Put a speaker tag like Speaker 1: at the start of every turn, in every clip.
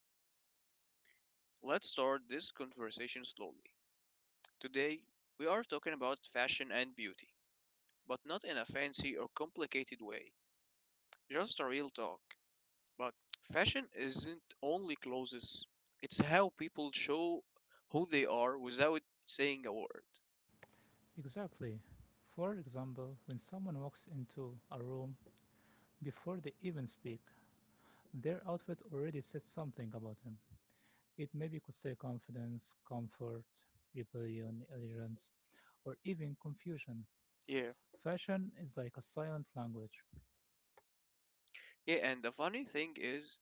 Speaker 1: episode. Let's start this conversation slowly. Today, we are talking about fashion and beauty, but not in a fancy or complicated way, just a real talk. But fashion isn't only clothes, it's how people show who they are without saying a word.
Speaker 2: Exactly. For example, when someone walks into a room before they even speak, their outfit already says something about him. It maybe could say confidence, comfort, rebellion, allegiance, or even confusion.
Speaker 1: Yeah.
Speaker 2: Fashion is like a silent language.
Speaker 1: Yeah, and the funny thing is,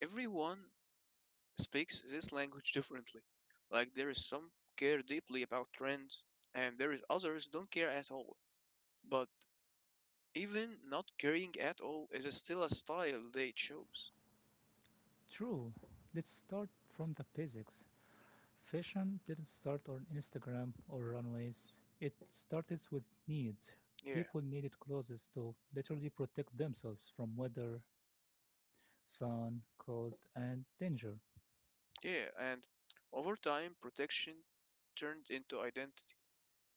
Speaker 1: everyone speaks this language differently. Like, there is some care deeply about trends, and there is others don't care at all. But even not caring at all is still a style they chose.
Speaker 2: True, let's start from the basics. Fashion didn't start on Instagram or runways, it started with need.
Speaker 1: Yeah,
Speaker 2: People needed clothes to literally protect themselves from weather, sun, cold, and danger.
Speaker 1: yeah, and over time, protection turned into identity.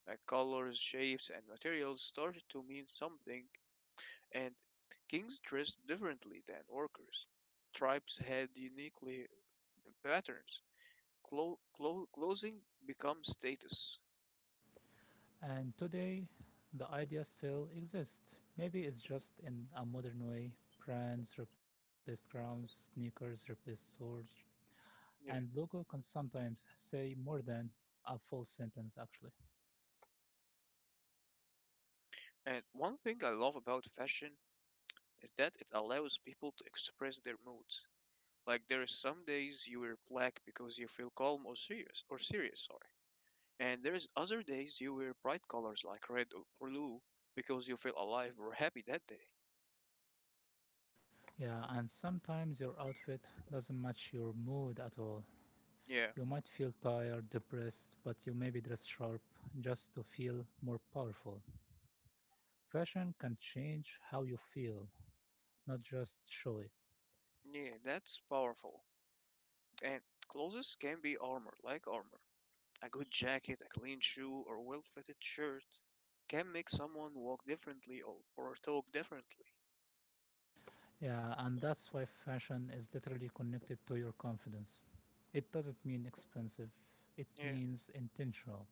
Speaker 1: Like colors, shapes, and materials started to mean something, and kings dressed differently than workers. Tribes had uniquely patterns. Clothing becomes status.
Speaker 2: And today, the idea still exists. Maybe it's just in a modern way. Brands replaced crowns, sneakers replaced swords, and
Speaker 1: Yeah.
Speaker 2: logo can sometimes say more than a full sentence actually.
Speaker 1: And one thing I love about fashion is that it allows people to express their moods. Like there is some days you wear black because you feel calm or serious, sorry. And there is other days you wear bright colors like red or blue because you feel alive or happy that day.
Speaker 2: Yeah, and sometimes your outfit doesn't match your mood at all.
Speaker 1: Yeah.
Speaker 2: You might feel tired, depressed, but you maybe dress sharp just to feel more powerful. Fashion can change how you feel, not just show it.
Speaker 1: Yeah, that's powerful. And clothes can be armor, like armor. A good jacket, a clean shoe, or well-fitted shirt can make someone walk differently or talk differently.
Speaker 2: Yeah, and that's why fashion is literally connected to your confidence. It doesn't mean expensive, it
Speaker 1: Yeah,
Speaker 2: means intentional.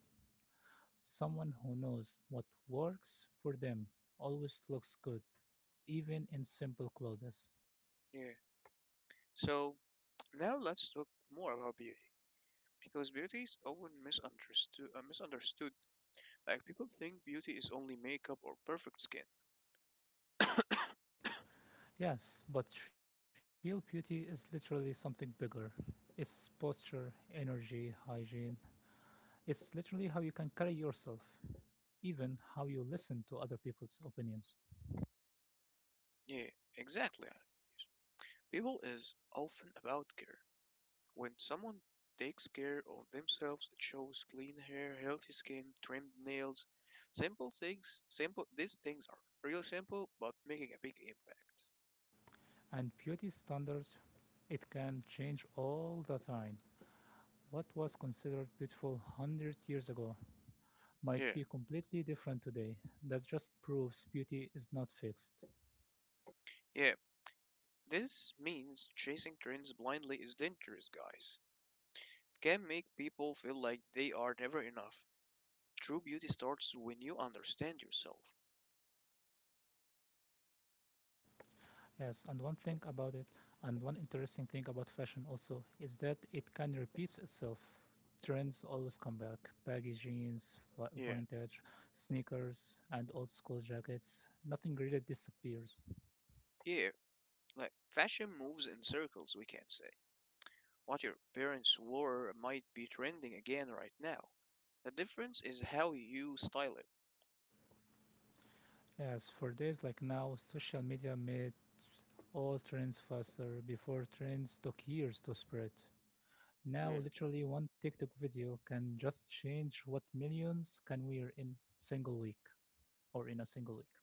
Speaker 2: Someone who knows what works for them always looks good, even in simple clothes.
Speaker 1: yeah. So now let's talk more about beauty because beauty is often misunderstood. Like people think beauty is only makeup or perfect skin.
Speaker 2: Yes, but real beauty is literally something bigger. It's posture, energy, hygiene. It's literally how you can carry yourself, even how you listen to other people's opinions.
Speaker 1: Yeah, exactly. People is often about care. When someone takes care of themselves, it shows clean hair, healthy skin, trimmed nails. Simple things, simple these things are real simple but making a big impact.
Speaker 2: And beauty standards, it can change all the time. What was considered beautiful 100 years ago might
Speaker 1: Yeah.
Speaker 2: be completely different today. That just proves beauty is not fixed.
Speaker 1: Yeah. This means chasing trends blindly is dangerous, guys. It can make people feel like they are never enough. True beauty starts when you understand yourself.
Speaker 2: Yes, and one thing about it, and one interesting thing about fashion also, is that it can repeat itself. Trends always come back baggy jeans, vintage,
Speaker 1: Yeah.
Speaker 2: sneakers, and old school jackets. Nothing really disappears.
Speaker 1: Yeah, like fashion moves in circles, we can say. What your parents wore might be trending again right now. The difference is how you style it.
Speaker 2: Yes, for days like now, social media made all trends faster. Before trends took years to spread. Now,
Speaker 1: Yeah.
Speaker 2: literally, one TikTok video can just change what millions can wear in single week or in a single week.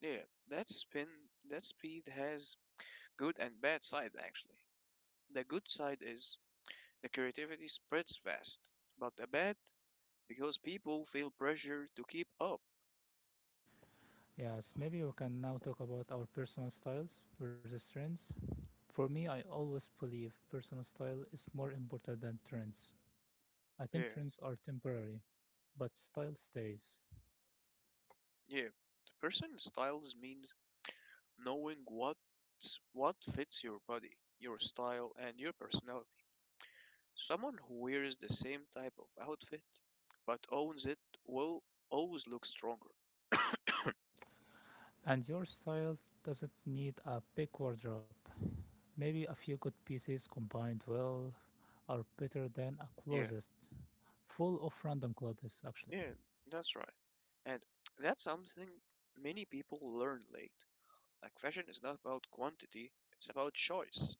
Speaker 1: Yeah. That spin that speed has good and bad side actually. The good side is the creativity spreads fast. But the bad because people feel pressure to keep up.
Speaker 2: Yes, maybe we can now talk about our personal styles versus trends. For me, I always believe personal style is more important than trends. I think
Speaker 1: Yeah.
Speaker 2: trends are temporary, but style stays.
Speaker 1: Yeah. The person styles means knowing what fits your body, your style and your personality. Someone who wears the same type of outfit but owns it will always look stronger.
Speaker 2: And your style doesn't need a big wardrobe. Maybe a few good pieces combined well are better than a
Speaker 1: Yeah,
Speaker 2: closet full of random clothes actually.
Speaker 1: yeah, that's right. And that's something many people learn late. Like, fashion is not about quantity, it's about choice.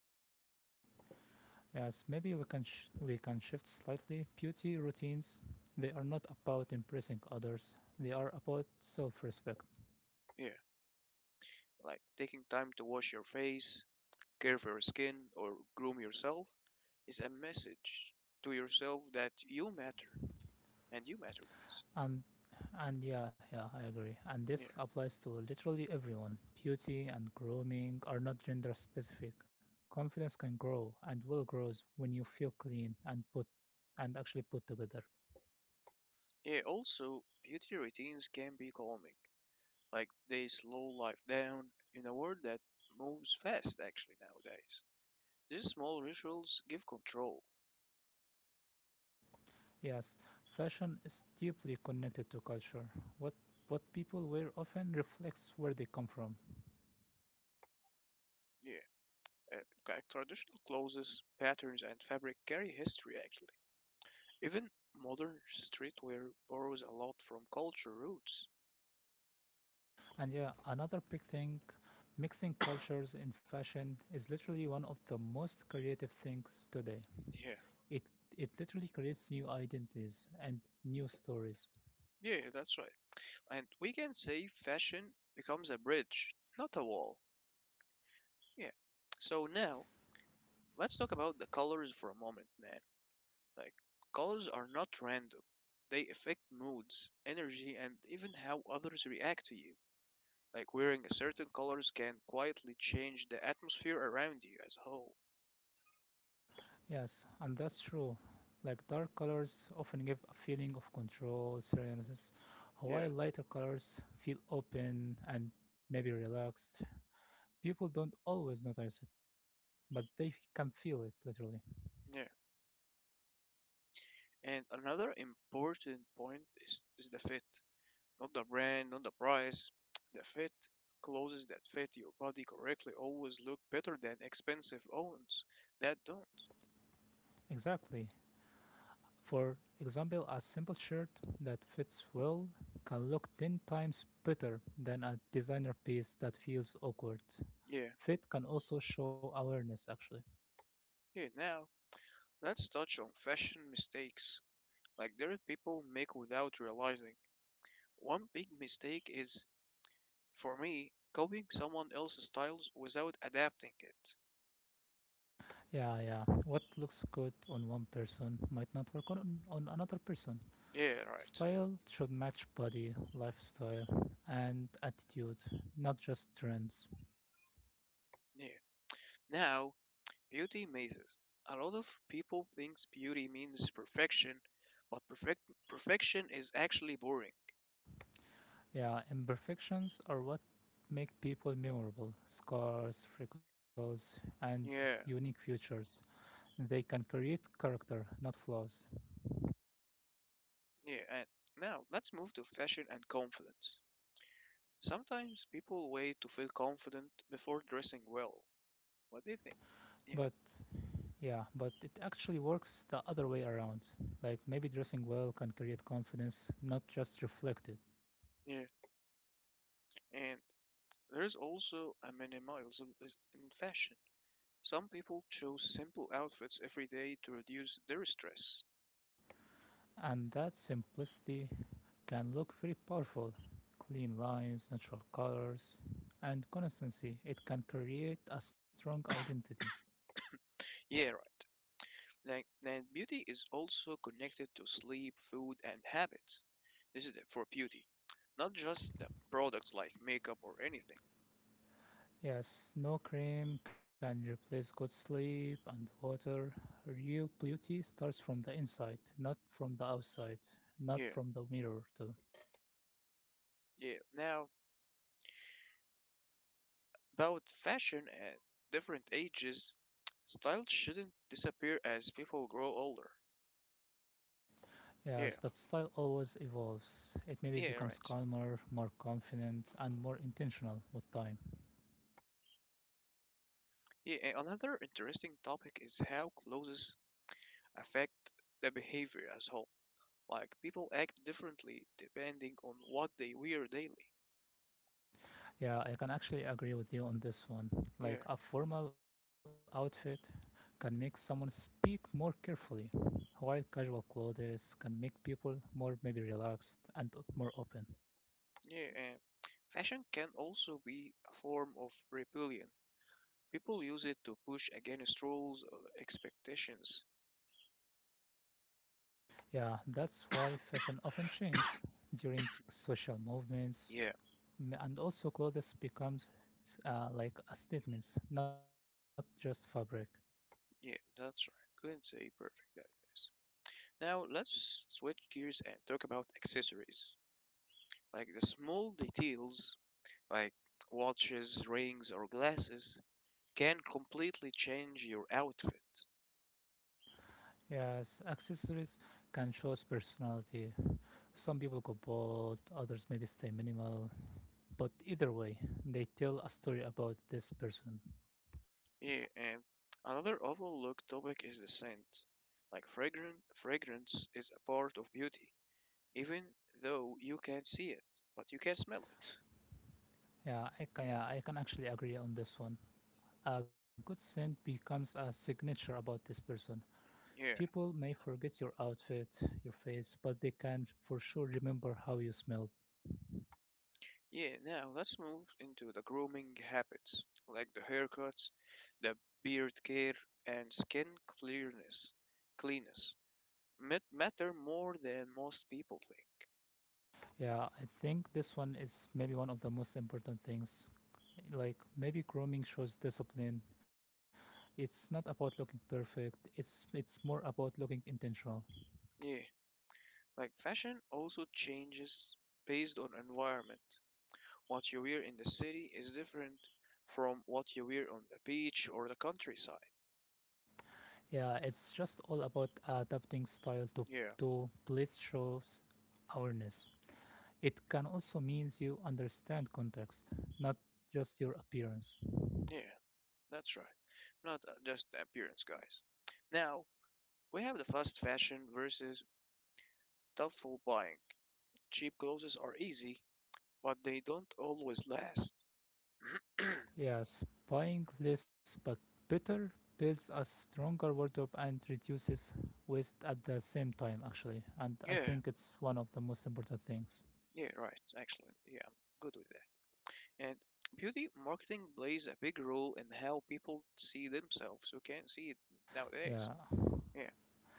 Speaker 2: Yes, maybe we can we can shift slightly beauty routines. They are not about impressing others. They are about self-respect.
Speaker 1: Yeah, like taking time to wash your face, care for your skin, or groom yourself is a message to yourself that you matter. And you matter, guys.
Speaker 2: And and I agree. And this
Speaker 1: Yeah.
Speaker 2: applies to literally everyone. Beauty and grooming are not gender specific. Confidence can grow and will grows when you feel clean and put and actually put together.
Speaker 1: Yeah, also, beauty routines can be calming. Like they slow life down in a world that moves fast actually nowadays. These small rituals give control.
Speaker 2: Yes, fashion is deeply connected to culture. What what people wear often reflects where they come from.
Speaker 1: Yeah, like traditional clothes, patterns, and fabric carry history actually. Even modern streetwear borrows a lot from culture roots.
Speaker 2: And yeah, another big thing, mixing cultures in fashion is literally one of the most creative things today.
Speaker 1: Yeah,
Speaker 2: It it literally creates new identities and new stories.
Speaker 1: yeah, that's right. And we can say fashion becomes a bridge, not a wall. Yeah. So now, let's talk about the colors for a moment, man. Like colors are not random. They affect moods, energy, and even how others react to you. Like wearing a certain colors can quietly change the atmosphere around you as a whole.
Speaker 2: Yes, and that's true. Like dark colors often give a feeling of control, seriousness, while
Speaker 1: Yeah,
Speaker 2: lighter colors feel open and maybe relaxed. People don't always notice it, but can feel it literally.
Speaker 1: yeah. And another important point is the fit. Not the brand, not the price. The fit. Clothes that fit your body correctly always look better than expensive ones that don't.
Speaker 2: Exactly. For example, a simple shirt that fits well can look 10 times better than a designer piece that feels awkward.
Speaker 1: Yeah,
Speaker 2: Fit can also show awareness, actually.
Speaker 1: yeah. Now, let's touch on fashion mistakes like there are people make without realizing. One big mistake is, for me, copying someone else's styles without adapting it.
Speaker 2: Yeah. What looks good on one person might not work on another person.
Speaker 1: Yeah, right.
Speaker 2: Style should match body, lifestyle, and attitude, not just trends.
Speaker 1: Yeah. Now, beauty mazes. A lot of people thinks beauty means perfection, but perfection is actually boring.
Speaker 2: Yeah, imperfections are what make people memorable. Scars, freckles, and
Speaker 1: Yeah,
Speaker 2: unique features. They can create character, not flaws.
Speaker 1: yeah. And now let's move to fashion and confidence. Sometimes people wait to feel confident before dressing well. What do you think?
Speaker 2: But
Speaker 1: Yeah,
Speaker 2: yeah, but it actually works the other way around. Like maybe dressing well can create confidence, not just reflect it.
Speaker 1: yeah. And there is also a minimalism in fashion. Some people choose simple outfits every day to reduce their stress.
Speaker 2: And that simplicity can look very powerful. Clean lines, natural colors, and consistency. It can create a strong identity.
Speaker 1: Yeah, right. Like, and beauty is also connected to sleep, food, and habits. This is for beauty, not just the products like makeup or anything.
Speaker 2: Yes, no cream can replace good sleep and water. Real beauty starts from the inside, not from the outside, not
Speaker 1: Yeah,
Speaker 2: from the mirror, too.
Speaker 1: yeah. Now, about fashion at different ages, style shouldn't disappear as people grow older.
Speaker 2: Yes, but
Speaker 1: Yeah,
Speaker 2: style always evolves. It maybe becomes
Speaker 1: yeah, right.
Speaker 2: calmer, more confident, and more intentional with time.
Speaker 1: Yeah, another interesting topic is how clothes affect the behavior as whole. Like people act differently depending on what they wear daily.
Speaker 2: Yeah, I can actually agree with you on this one.
Speaker 1: Yeah,
Speaker 2: Like a formal outfit can make someone speak more carefully, while casual clothes can make people more maybe relaxed and more open.
Speaker 1: yeah. And fashion can also be a form of rebellion. People use it to push against rules or expectations.
Speaker 2: Yeah, that's why fashion often change during social movements,
Speaker 1: Yeah,
Speaker 2: and also clothes becomes like a statements, not just fabric.
Speaker 1: yeah, that's right. Couldn't say perfect that guys. Now let's switch gears and talk about accessories. Like the small details, like watches, rings, or glasses, can completely change your outfit.
Speaker 2: Yes, accessories can show personality. Some people go bold, others maybe stay minimal, but either way, they tell a story about this person.
Speaker 1: Yeah, and another overlooked topic is the scent. Like fragrance is a part of beauty, even though you can't see it, but you can smell it.
Speaker 2: Yeah, I can actually agree on this one. A good scent becomes a signature about this person.
Speaker 1: Yeah, yeah,
Speaker 2: People may forget your outfit, your face, but they can for sure remember how you smelled.
Speaker 1: yeah. Now let's move into the grooming habits, like the haircuts, the beard care, and skin clearness, cleanness, matter more than most people think.
Speaker 2: Yeah, I think this one is maybe one of the most important things, like maybe grooming shows discipline. It's not about looking perfect, it's more about looking intentional.
Speaker 1: Yeah, like fashion also changes based on environment. What you wear in the city is different from what you wear on the beach or the countryside.
Speaker 2: Yeah, it's just all about adapting style
Speaker 1: Yeah,
Speaker 2: to place shows awareness. It can also means you understand context, not just your appearance.
Speaker 1: yeah, that's right. Not just the appearance, guys. Now, we have the fast fashion versus thoughtful buying. Cheap clothes are easy, but they don't always last.
Speaker 2: Yes, buying less but better builds a stronger wardrobe and reduces waste at the same time actually, and I
Speaker 1: Yeah,
Speaker 2: think it's one of the most important things.
Speaker 1: yeah, right. Actually, yeah, I'm good with that. And beauty marketing plays a big role in how people see themselves. We can't see it
Speaker 2: Yeah
Speaker 1: nowadays. Yeah.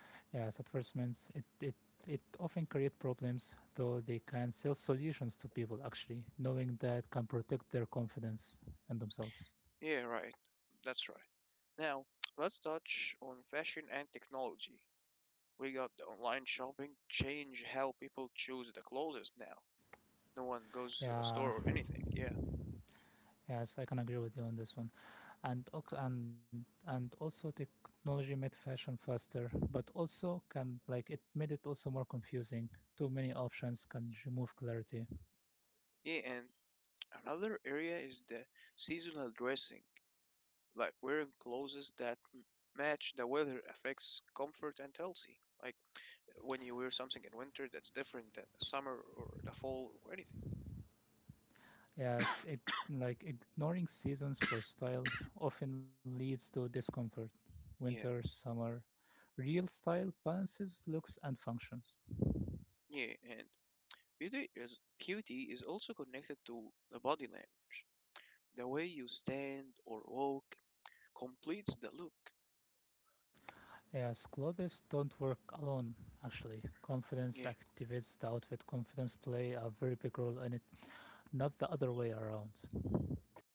Speaker 2: Yes, advertisements it often create problems, though they can sell solutions to people actually. Knowing that can protect their confidence and themselves.
Speaker 1: Yeah, right. That's right. Now, let's touch on fashion and technology. We got the online shopping change how people choose the clothes now. No one goes to a
Speaker 2: Yeah,
Speaker 1: store or anything. Yeah.
Speaker 2: yes, I can agree with you on this one. And and also technology made fashion faster, but also can like it made it also more confusing. Too many options can remove clarity.
Speaker 1: Yeah, and another area is the seasonal dressing, like wearing clothes that match the weather affects comfort and healthy. Like when you wear something in winter that's different than summer or the fall or anything.
Speaker 2: Yes, it like ignoring seasons for style often leads to discomfort, winter,
Speaker 1: Yeah,
Speaker 2: summer. Real style balances looks and functions.
Speaker 1: yeah, and Beauty is beauty is also connected to the body language. The way you stand or walk completes the look.
Speaker 2: Yes, clothes don't work alone, actually. Confidence
Speaker 1: Yeah,
Speaker 2: activates the outfit. Confidence play a very big role in it, not the other way around.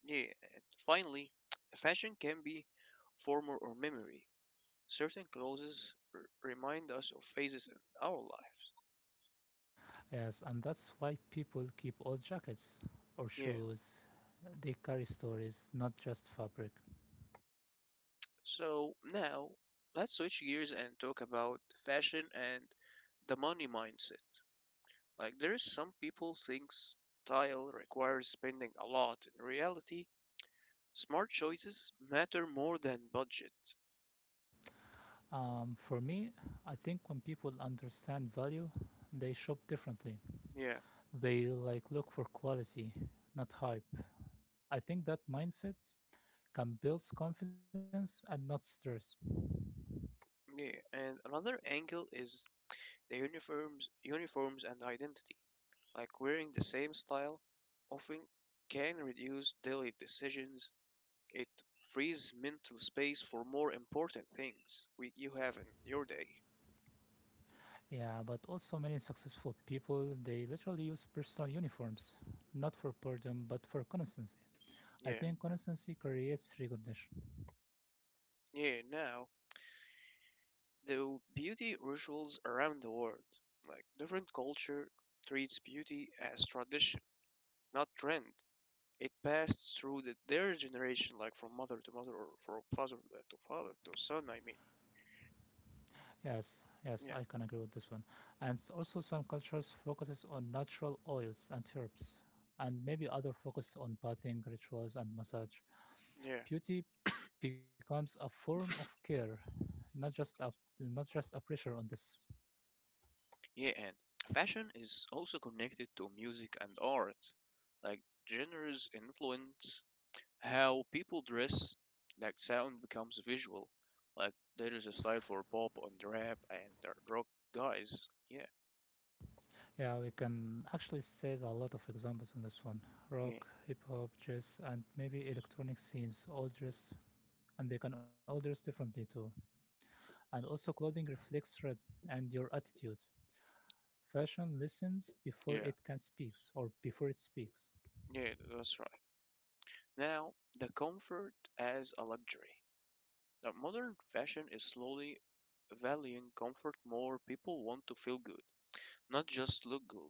Speaker 1: yeah. And finally, fashion can be formal or memory. Certain clothes remind us of phases in our lives.
Speaker 2: Yes, and that's why people keep old jackets or
Speaker 1: Yeah.
Speaker 2: shoes. They carry stories, not just fabric.
Speaker 1: So now let's switch gears and talk about fashion and the money mindset. Like there is some people think style requires spending a lot. In reality, smart choices matter more than budget.
Speaker 2: For me, I think when people understand value, they shop differently.
Speaker 1: Yeah,
Speaker 2: They like look for quality, not hype. I think that mindset can build confidence and not stress.
Speaker 1: yeah. And another angle is the uniforms and identity. Like wearing the same style often can reduce daily decisions. It frees mental space for more important things you have in your day.
Speaker 2: Yeah, but also many successful people they literally use personal uniforms, not for boredom but for consistency. I
Speaker 1: Yeah,
Speaker 2: think consistency creates recognition.
Speaker 1: yeah. Now the beauty rituals around the world, like different culture treats beauty as tradition, not trend. It passed through their generation, like from mother to mother, or from father to father to son. I mean,
Speaker 2: Yes, I can
Speaker 1: yeah,
Speaker 2: agree with this one. And also some cultures focuses on natural oils and herbs, and maybe other focus on bathing rituals and massage.
Speaker 1: yeah,
Speaker 2: Beauty becomes a form of care, not just a not just a pressure on this.
Speaker 1: yeah. And fashion is also connected to music and art. Like genres influence how people dress. Like sound becomes visual. Like there is a style for pop and rap and the rock guys. Yeah,
Speaker 2: Yeah, we can actually see a lot of examples on this one.
Speaker 1: yeah,
Speaker 2: Rock, hip hop, jazz, and maybe electronic scenes all dress, and they can all dress differently too. And also, clothing reflects thread and your attitude. Fashion listens before
Speaker 1: yeah,
Speaker 2: it can speaks or before it speaks.
Speaker 1: yeah. That's right. Now the comfort as a luxury. Now, modern fashion is slowly valuing comfort more. People want to feel good, not just look good.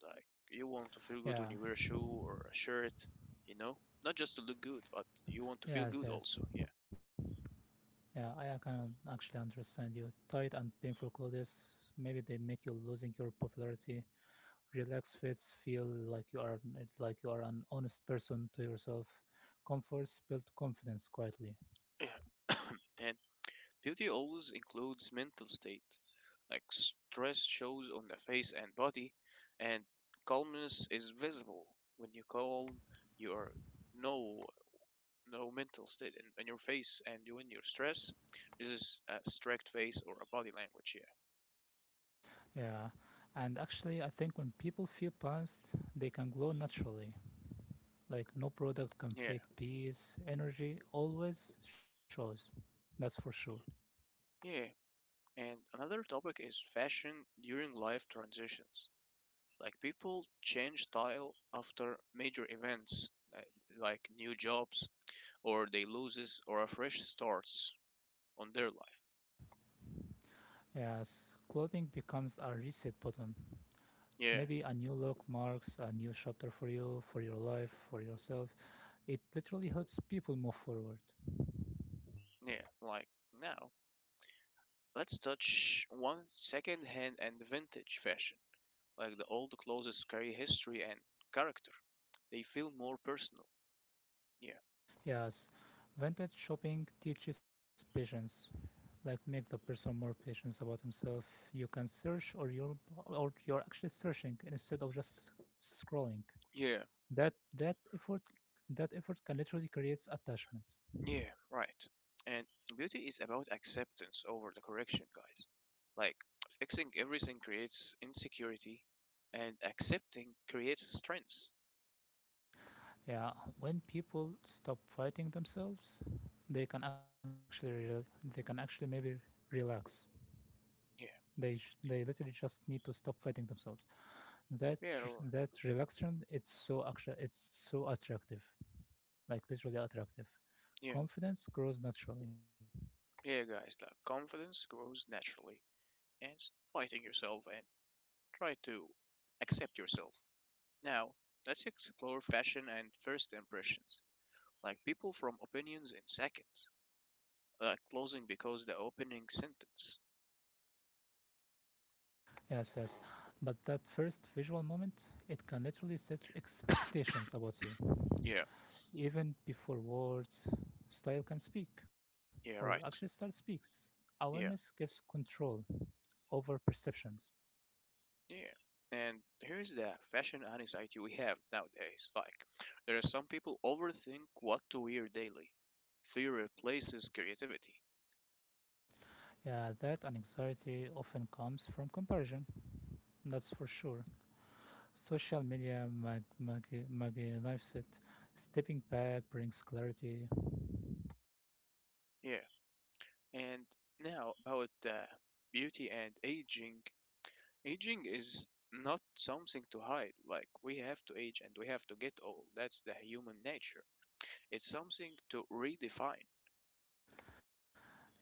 Speaker 1: Like, you want to feel good
Speaker 2: Yeah,
Speaker 1: when you wear a shoe or a shirt, you know? Not just to look good, but you want to feel good
Speaker 2: yes.
Speaker 1: also, yeah.
Speaker 2: Yeah, I can actually understand you. Tight and painful clothes, maybe they make you losing your popularity. Relaxed fits feel like you are an honest person to yourself. Comforts build confidence quietly.
Speaker 1: And beauty always includes mental state, like stress shows on the face and body, and calmness is visible. When you calm, you are know no mental state in your face and you when you're stressed this is a strict face or a body language.
Speaker 2: Yeah, and actually, I think when people feel balanced, they can glow naturally. Like no product can
Speaker 1: Yeah, yeah,
Speaker 2: fake peace. Energy always shows. That's for sure.
Speaker 1: yeah. And another topic is fashion during life transitions, like people change style after major events, uh, like new jobs or they loses or a fresh starts on their life.
Speaker 2: Yes, clothing becomes a reset button.
Speaker 1: Yeah,
Speaker 2: Maybe a new look marks a new chapter for you, for your life, for yourself. It literally helps people move forward.
Speaker 1: yeah, like now let's touch one second hand and vintage fashion, like the old clothes carry history and character. They feel more personal. Yeah.
Speaker 2: Yes, vintage shopping teaches patience. Like make the person more patient about himself. You can search, or you're actually searching instead of just scrolling.
Speaker 1: Yeah.
Speaker 2: That that effort that effort can literally creates attachment.
Speaker 1: Yeah. Right. And beauty is about acceptance over the correction, guys. Like fixing everything creates insecurity, and accepting creates strength.
Speaker 2: Yeah, when people stop fighting themselves, they can actually rel they can actually maybe relax.
Speaker 1: Yeah.
Speaker 2: They literally just need to stop fighting themselves. That
Speaker 1: Yeah.
Speaker 2: that relaxation it's so actually it's so attractive, like literally attractive.
Speaker 1: Yeah.
Speaker 2: Confidence grows naturally.
Speaker 1: Yeah, guys. Like confidence grows naturally, and fighting yourself and try to accept yourself. Now, let's explore fashion and first impressions. Like people from opinions in seconds, like closing because the opening sentence.
Speaker 2: Yes. But that first visual moment, it can literally set expectations about you.
Speaker 1: Yeah,
Speaker 2: Even before words, style can speak, or
Speaker 1: yeah,
Speaker 2: actually, style
Speaker 1: right.
Speaker 2: speaks. Awareness
Speaker 1: Yeah,
Speaker 2: gives control over perceptions.
Speaker 1: yeah. And here's the fashion anxiety we have nowadays. Like, there are some people overthink what to wear daily. Fear replaces creativity.
Speaker 2: Yeah, that and anxiety often comes from comparison. That's for sure. Social media magnifies it. Stepping back brings clarity.
Speaker 1: Yeah. And now about beauty and aging. Aging is not something to hide. Like, we have to age and we have to get old. That's the human nature. It's something to redefine.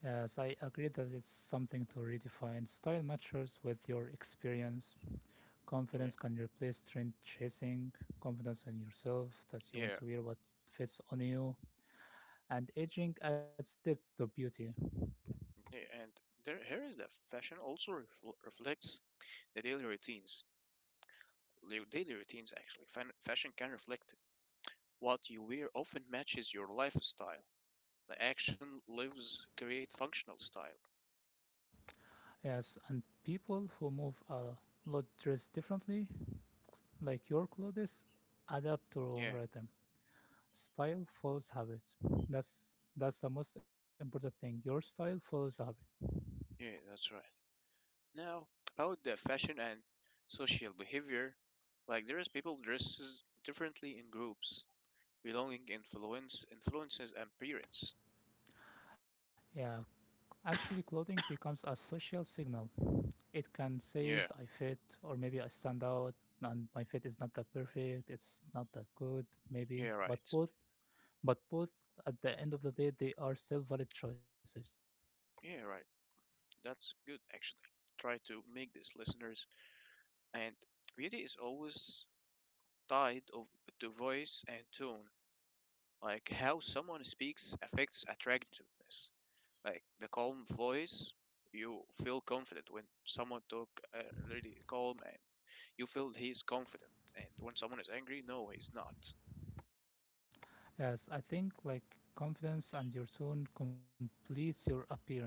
Speaker 2: Yes, I agree that it's something to redefine. Style matches with your experience.
Speaker 1: Yeah.
Speaker 2: Confidence can replace trend chasing, confidence in yourself that you
Speaker 1: Yeah,
Speaker 2: want to wear what fits on you. And aging adds depth to beauty.
Speaker 1: yeah, and there here is that fashion also reflects the daily routines. Your daily routines actually. Fan fashion can reflect it. What you wear often matches your lifestyle. The action lives create functional style.
Speaker 2: Yes, and people who move a lot dress differently, like your clothes, adapt
Speaker 1: Yeah,
Speaker 2: to rhythm. Style follows habit. That's that's the most important thing. Your style follows a habit.
Speaker 1: yeah, that's right. Now about the fashion and social behavior, like there is people dresses differently in groups, belonging influences and appearance.
Speaker 2: Yeah, actually, clothing becomes a social signal. It can says
Speaker 1: Yeah,
Speaker 2: I fit or maybe I stand out, and my fit is not that perfect, it's not that good,
Speaker 1: yeah,
Speaker 2: maybe. But
Speaker 1: right.
Speaker 2: both at the end of the day they are still valid choices.
Speaker 1: Yeah, right. That's good, actually. Try to make this, listeners. And beauty is always tied of, to voice and tone. Like how someone speaks affects attractiveness. Like the calm voice, you feel confident when someone talk uh, really calm and you feel he is confident. And when someone is angry, no, he's not.
Speaker 2: Yes, I think like confidence and your tone completes your appearance.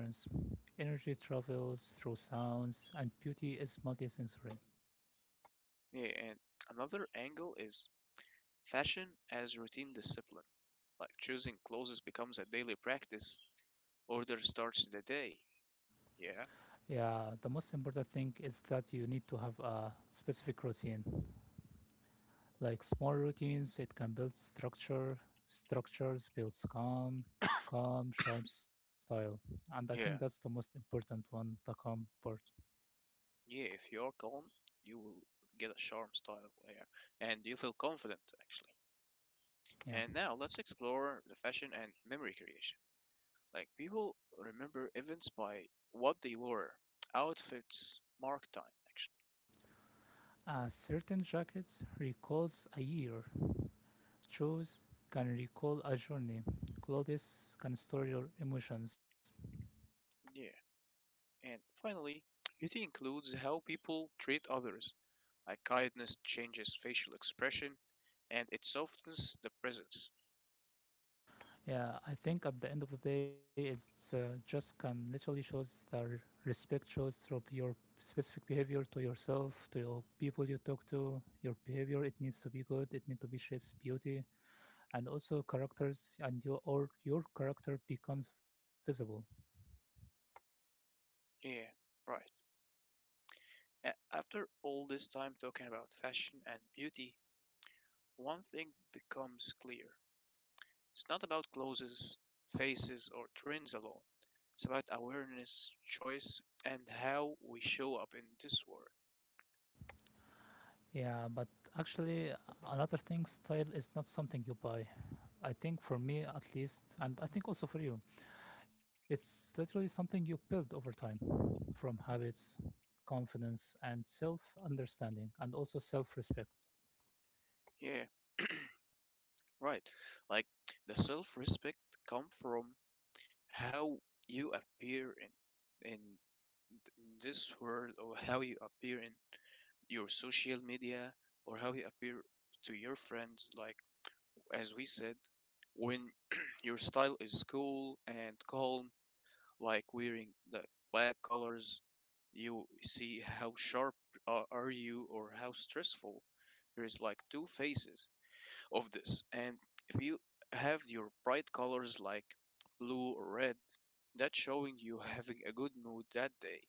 Speaker 2: Energy travels through sounds and beauty is multisensory.
Speaker 1: Yeah, and another angle is fashion as routine discipline. Like choosing clothes becomes a daily practice. Order starts the day. Yeah,
Speaker 2: Yeah, the most important thing is that you need to have a specific routine. Like small routines, it can build structure. Structures builds calm, calm, sharp style. And I think that's the
Speaker 1: yeah,
Speaker 2: most important one, the calm part.
Speaker 1: yeah. If you're calm, you will get a charm style there, and you feel confident actually.
Speaker 2: Yeah.
Speaker 1: And now let's explore the fashion and memory creation. Like people remember events by what they wore, outfits, mark time actually.
Speaker 2: A certain jacket recalls a year. Shoes can recall a journey. Clothes can store your emotions.
Speaker 1: Yeah, and finally, beauty includes how people treat others. Like kindness changes facial expression, and it softens the presence.
Speaker 2: Yeah, I think at the end of the day, it's just can literally shows that respect shows through your specific behavior to yourself, to your people you talk to. Your behavior it needs to be good. It needs to be shapes beauty and also characters, and your character becomes visible.
Speaker 1: Yeah, right. After all this time talking about fashion and beauty, one thing becomes clear. It's not about clothes, faces, or trends alone. It's about awareness, choice, and how we show up in this world.
Speaker 2: Yeah, but actually, another thing, style is not something you buy. I think for me at least, and I think also for you, it's literally something you build over time from habits, confidence, and self understanding, and also self respect.
Speaker 1: Yeah, right. Like the self-respect come from how you appear in this world, or how you appear in your social media, or how you appear to your friends. Like as we said, when your style is cool and calm like wearing the black colors, you see how sharp are you or how stressful. There is like two faces of this. And if you have your bright colors like blue or red, that's showing you having a good mood that day.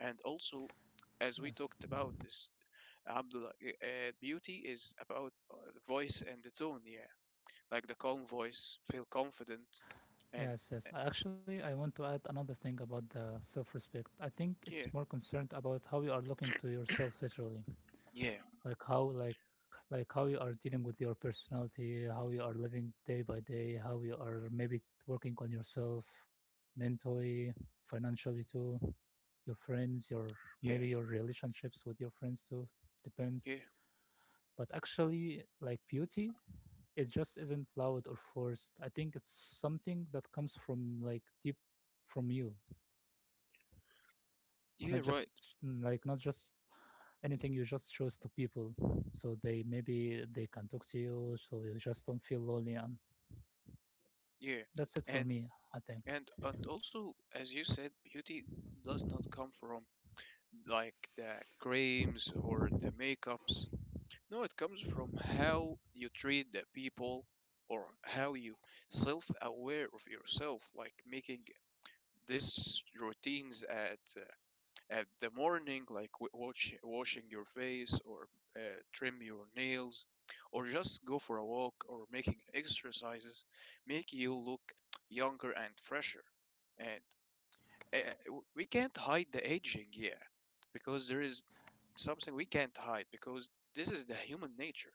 Speaker 1: And also, as
Speaker 2: Yes,
Speaker 1: we talked about this, Abdullah, beauty is about the voice and the tone, yeah. Like the calm voice, feel confident, and
Speaker 2: yes, yes.
Speaker 1: uh,
Speaker 2: I Actually, I want to add another thing about the self respect. I think it's
Speaker 1: yeah,
Speaker 2: more concerned about how you are looking to yourself literally,
Speaker 1: yeah,
Speaker 2: like how like like how you are dealing with your personality, how you are living day by day, how you are maybe working on yourself mentally, financially too. Your friends, your maybe
Speaker 1: yeah,
Speaker 2: your relationships with your friends too. Depends.
Speaker 1: yeah.
Speaker 2: But actually, like beauty, it just isn't loud or forced. I think it's something that comes from like deep from you, not just
Speaker 1: Yeah, right.
Speaker 2: not just anything you just shows to people. So they maybe they can talk to you, so you just don't feel lonely. And
Speaker 1: Yeah.
Speaker 2: that's it for
Speaker 1: And
Speaker 2: me. I think.
Speaker 1: and also, as you said, beauty does not come from like the creams or the makeups. No, it comes from how you treat the people or how you self-aware of yourself, like making these routines at the morning, like washing your face or uh, trim your nails, or just go for a walk or making exercises, make you look younger and fresher. And we can't hide the aging, yeah, because there is something we can't hide because this is the human nature.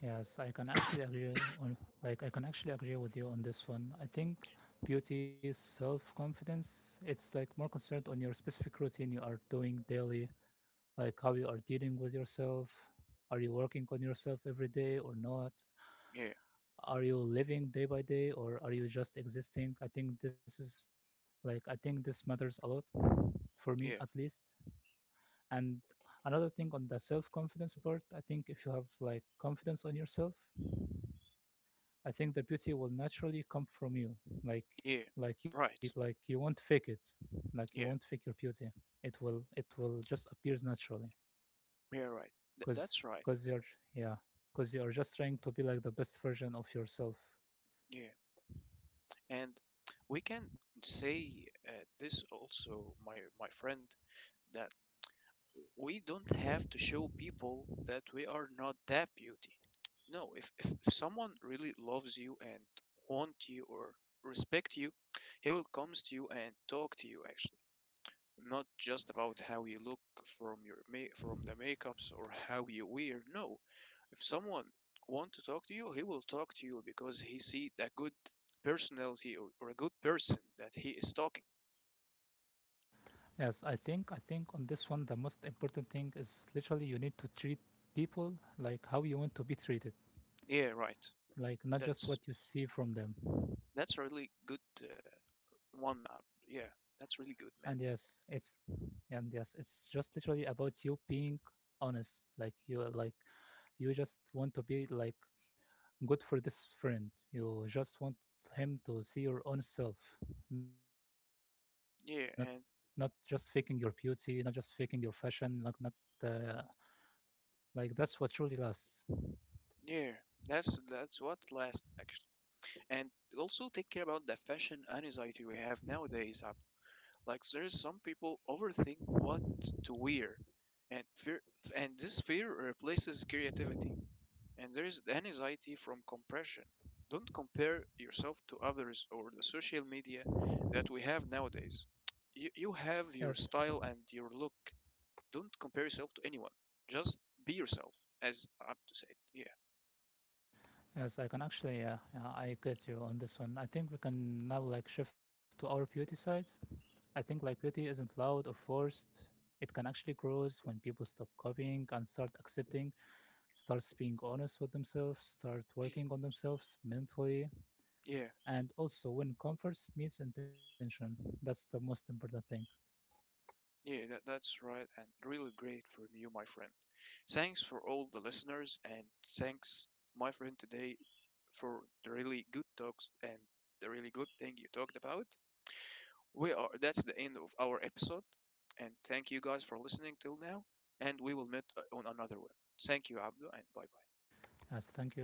Speaker 2: Yes, I can actually agree on like I can actually agree with you on this one. I think beauty is self-confidence. It's like more concerned on your specific routine you are doing daily, like how you are dealing with yourself. Are you working on yourself every day or not?
Speaker 1: Yeah,
Speaker 2: Are you living day by day or are you just existing? I think this is like I think this matters a lot for me
Speaker 1: yeah,
Speaker 2: at least. And another thing on the self-confidence part, I think if you have like confidence on yourself, I think the beauty will naturally come from you.
Speaker 1: yeah, yeah,
Speaker 2: Like
Speaker 1: right.
Speaker 2: like you won't fake it. Like you
Speaker 1: Yeah,
Speaker 2: won't fake your beauty. It will just appears naturally.
Speaker 1: yeah, right.
Speaker 2: Cause
Speaker 1: That's right.
Speaker 2: cause you're yeah. Cause you are just trying to be like the best version of yourself.
Speaker 1: Yeah, and we can say this also, my friend, that we don't have to show people that we are not that beauty. No, if someone really loves you and want you or respect you, he will comes to you and talk to you actually, not just about how you look from your from the makeups or how you wear. No, if someone want to talk to you, he will talk to you because he see a good personality or a good person that he is talking.
Speaker 2: I think on this one the most important thing is literally you need to treat people like how you want to be treated.
Speaker 1: Yeah, right.
Speaker 2: Like not just
Speaker 1: That's
Speaker 2: what you see from them.
Speaker 1: that's a really good one up. Yeah, that's
Speaker 2: And
Speaker 1: really good,
Speaker 2: yes,
Speaker 1: man.
Speaker 2: it's and yes, it's just literally about you being honest like you just want to be like good for this friend. You just want him to see your own self, not not just faking your
Speaker 1: Yeah, and
Speaker 2: beauty, not just faking your fashion, not not uh, like that's what truly lasts.
Speaker 1: yeah, that's what last actually. And also take care about the fashion anxiety we have nowadays. Up, like there's some people overthink what to wear, and fear, and this fear replaces creativity. And there is anxiety from compression. Don't compare yourself to others or the social media that we have nowadays. You have
Speaker 2: Yes,
Speaker 1: your style and your look. Don't compare yourself to anyone. Just be yourself, as I'm to say. It.
Speaker 2: yes, I can actually, yeah, I get you on this one. I think we can now like shift to our beauty side. I think like beauty isn't loud or forced. It can actually grow when people stop copying and start accepting, starts being honest with themselves, start working on themselves mentally,
Speaker 1: Yeah,
Speaker 2: and also when converse means intention. That's the most important thing.
Speaker 1: yeah, yeah. That's right, and really great from you, my friend. Thanks for all the listeners, and thanks, my friend, today for the really good talks and the really good thing you talked about. We are that's the end of our episode, and thank you guys for listening till now, and we will meet on another one. Thank you, Abdul, and bye.
Speaker 2: As thank you.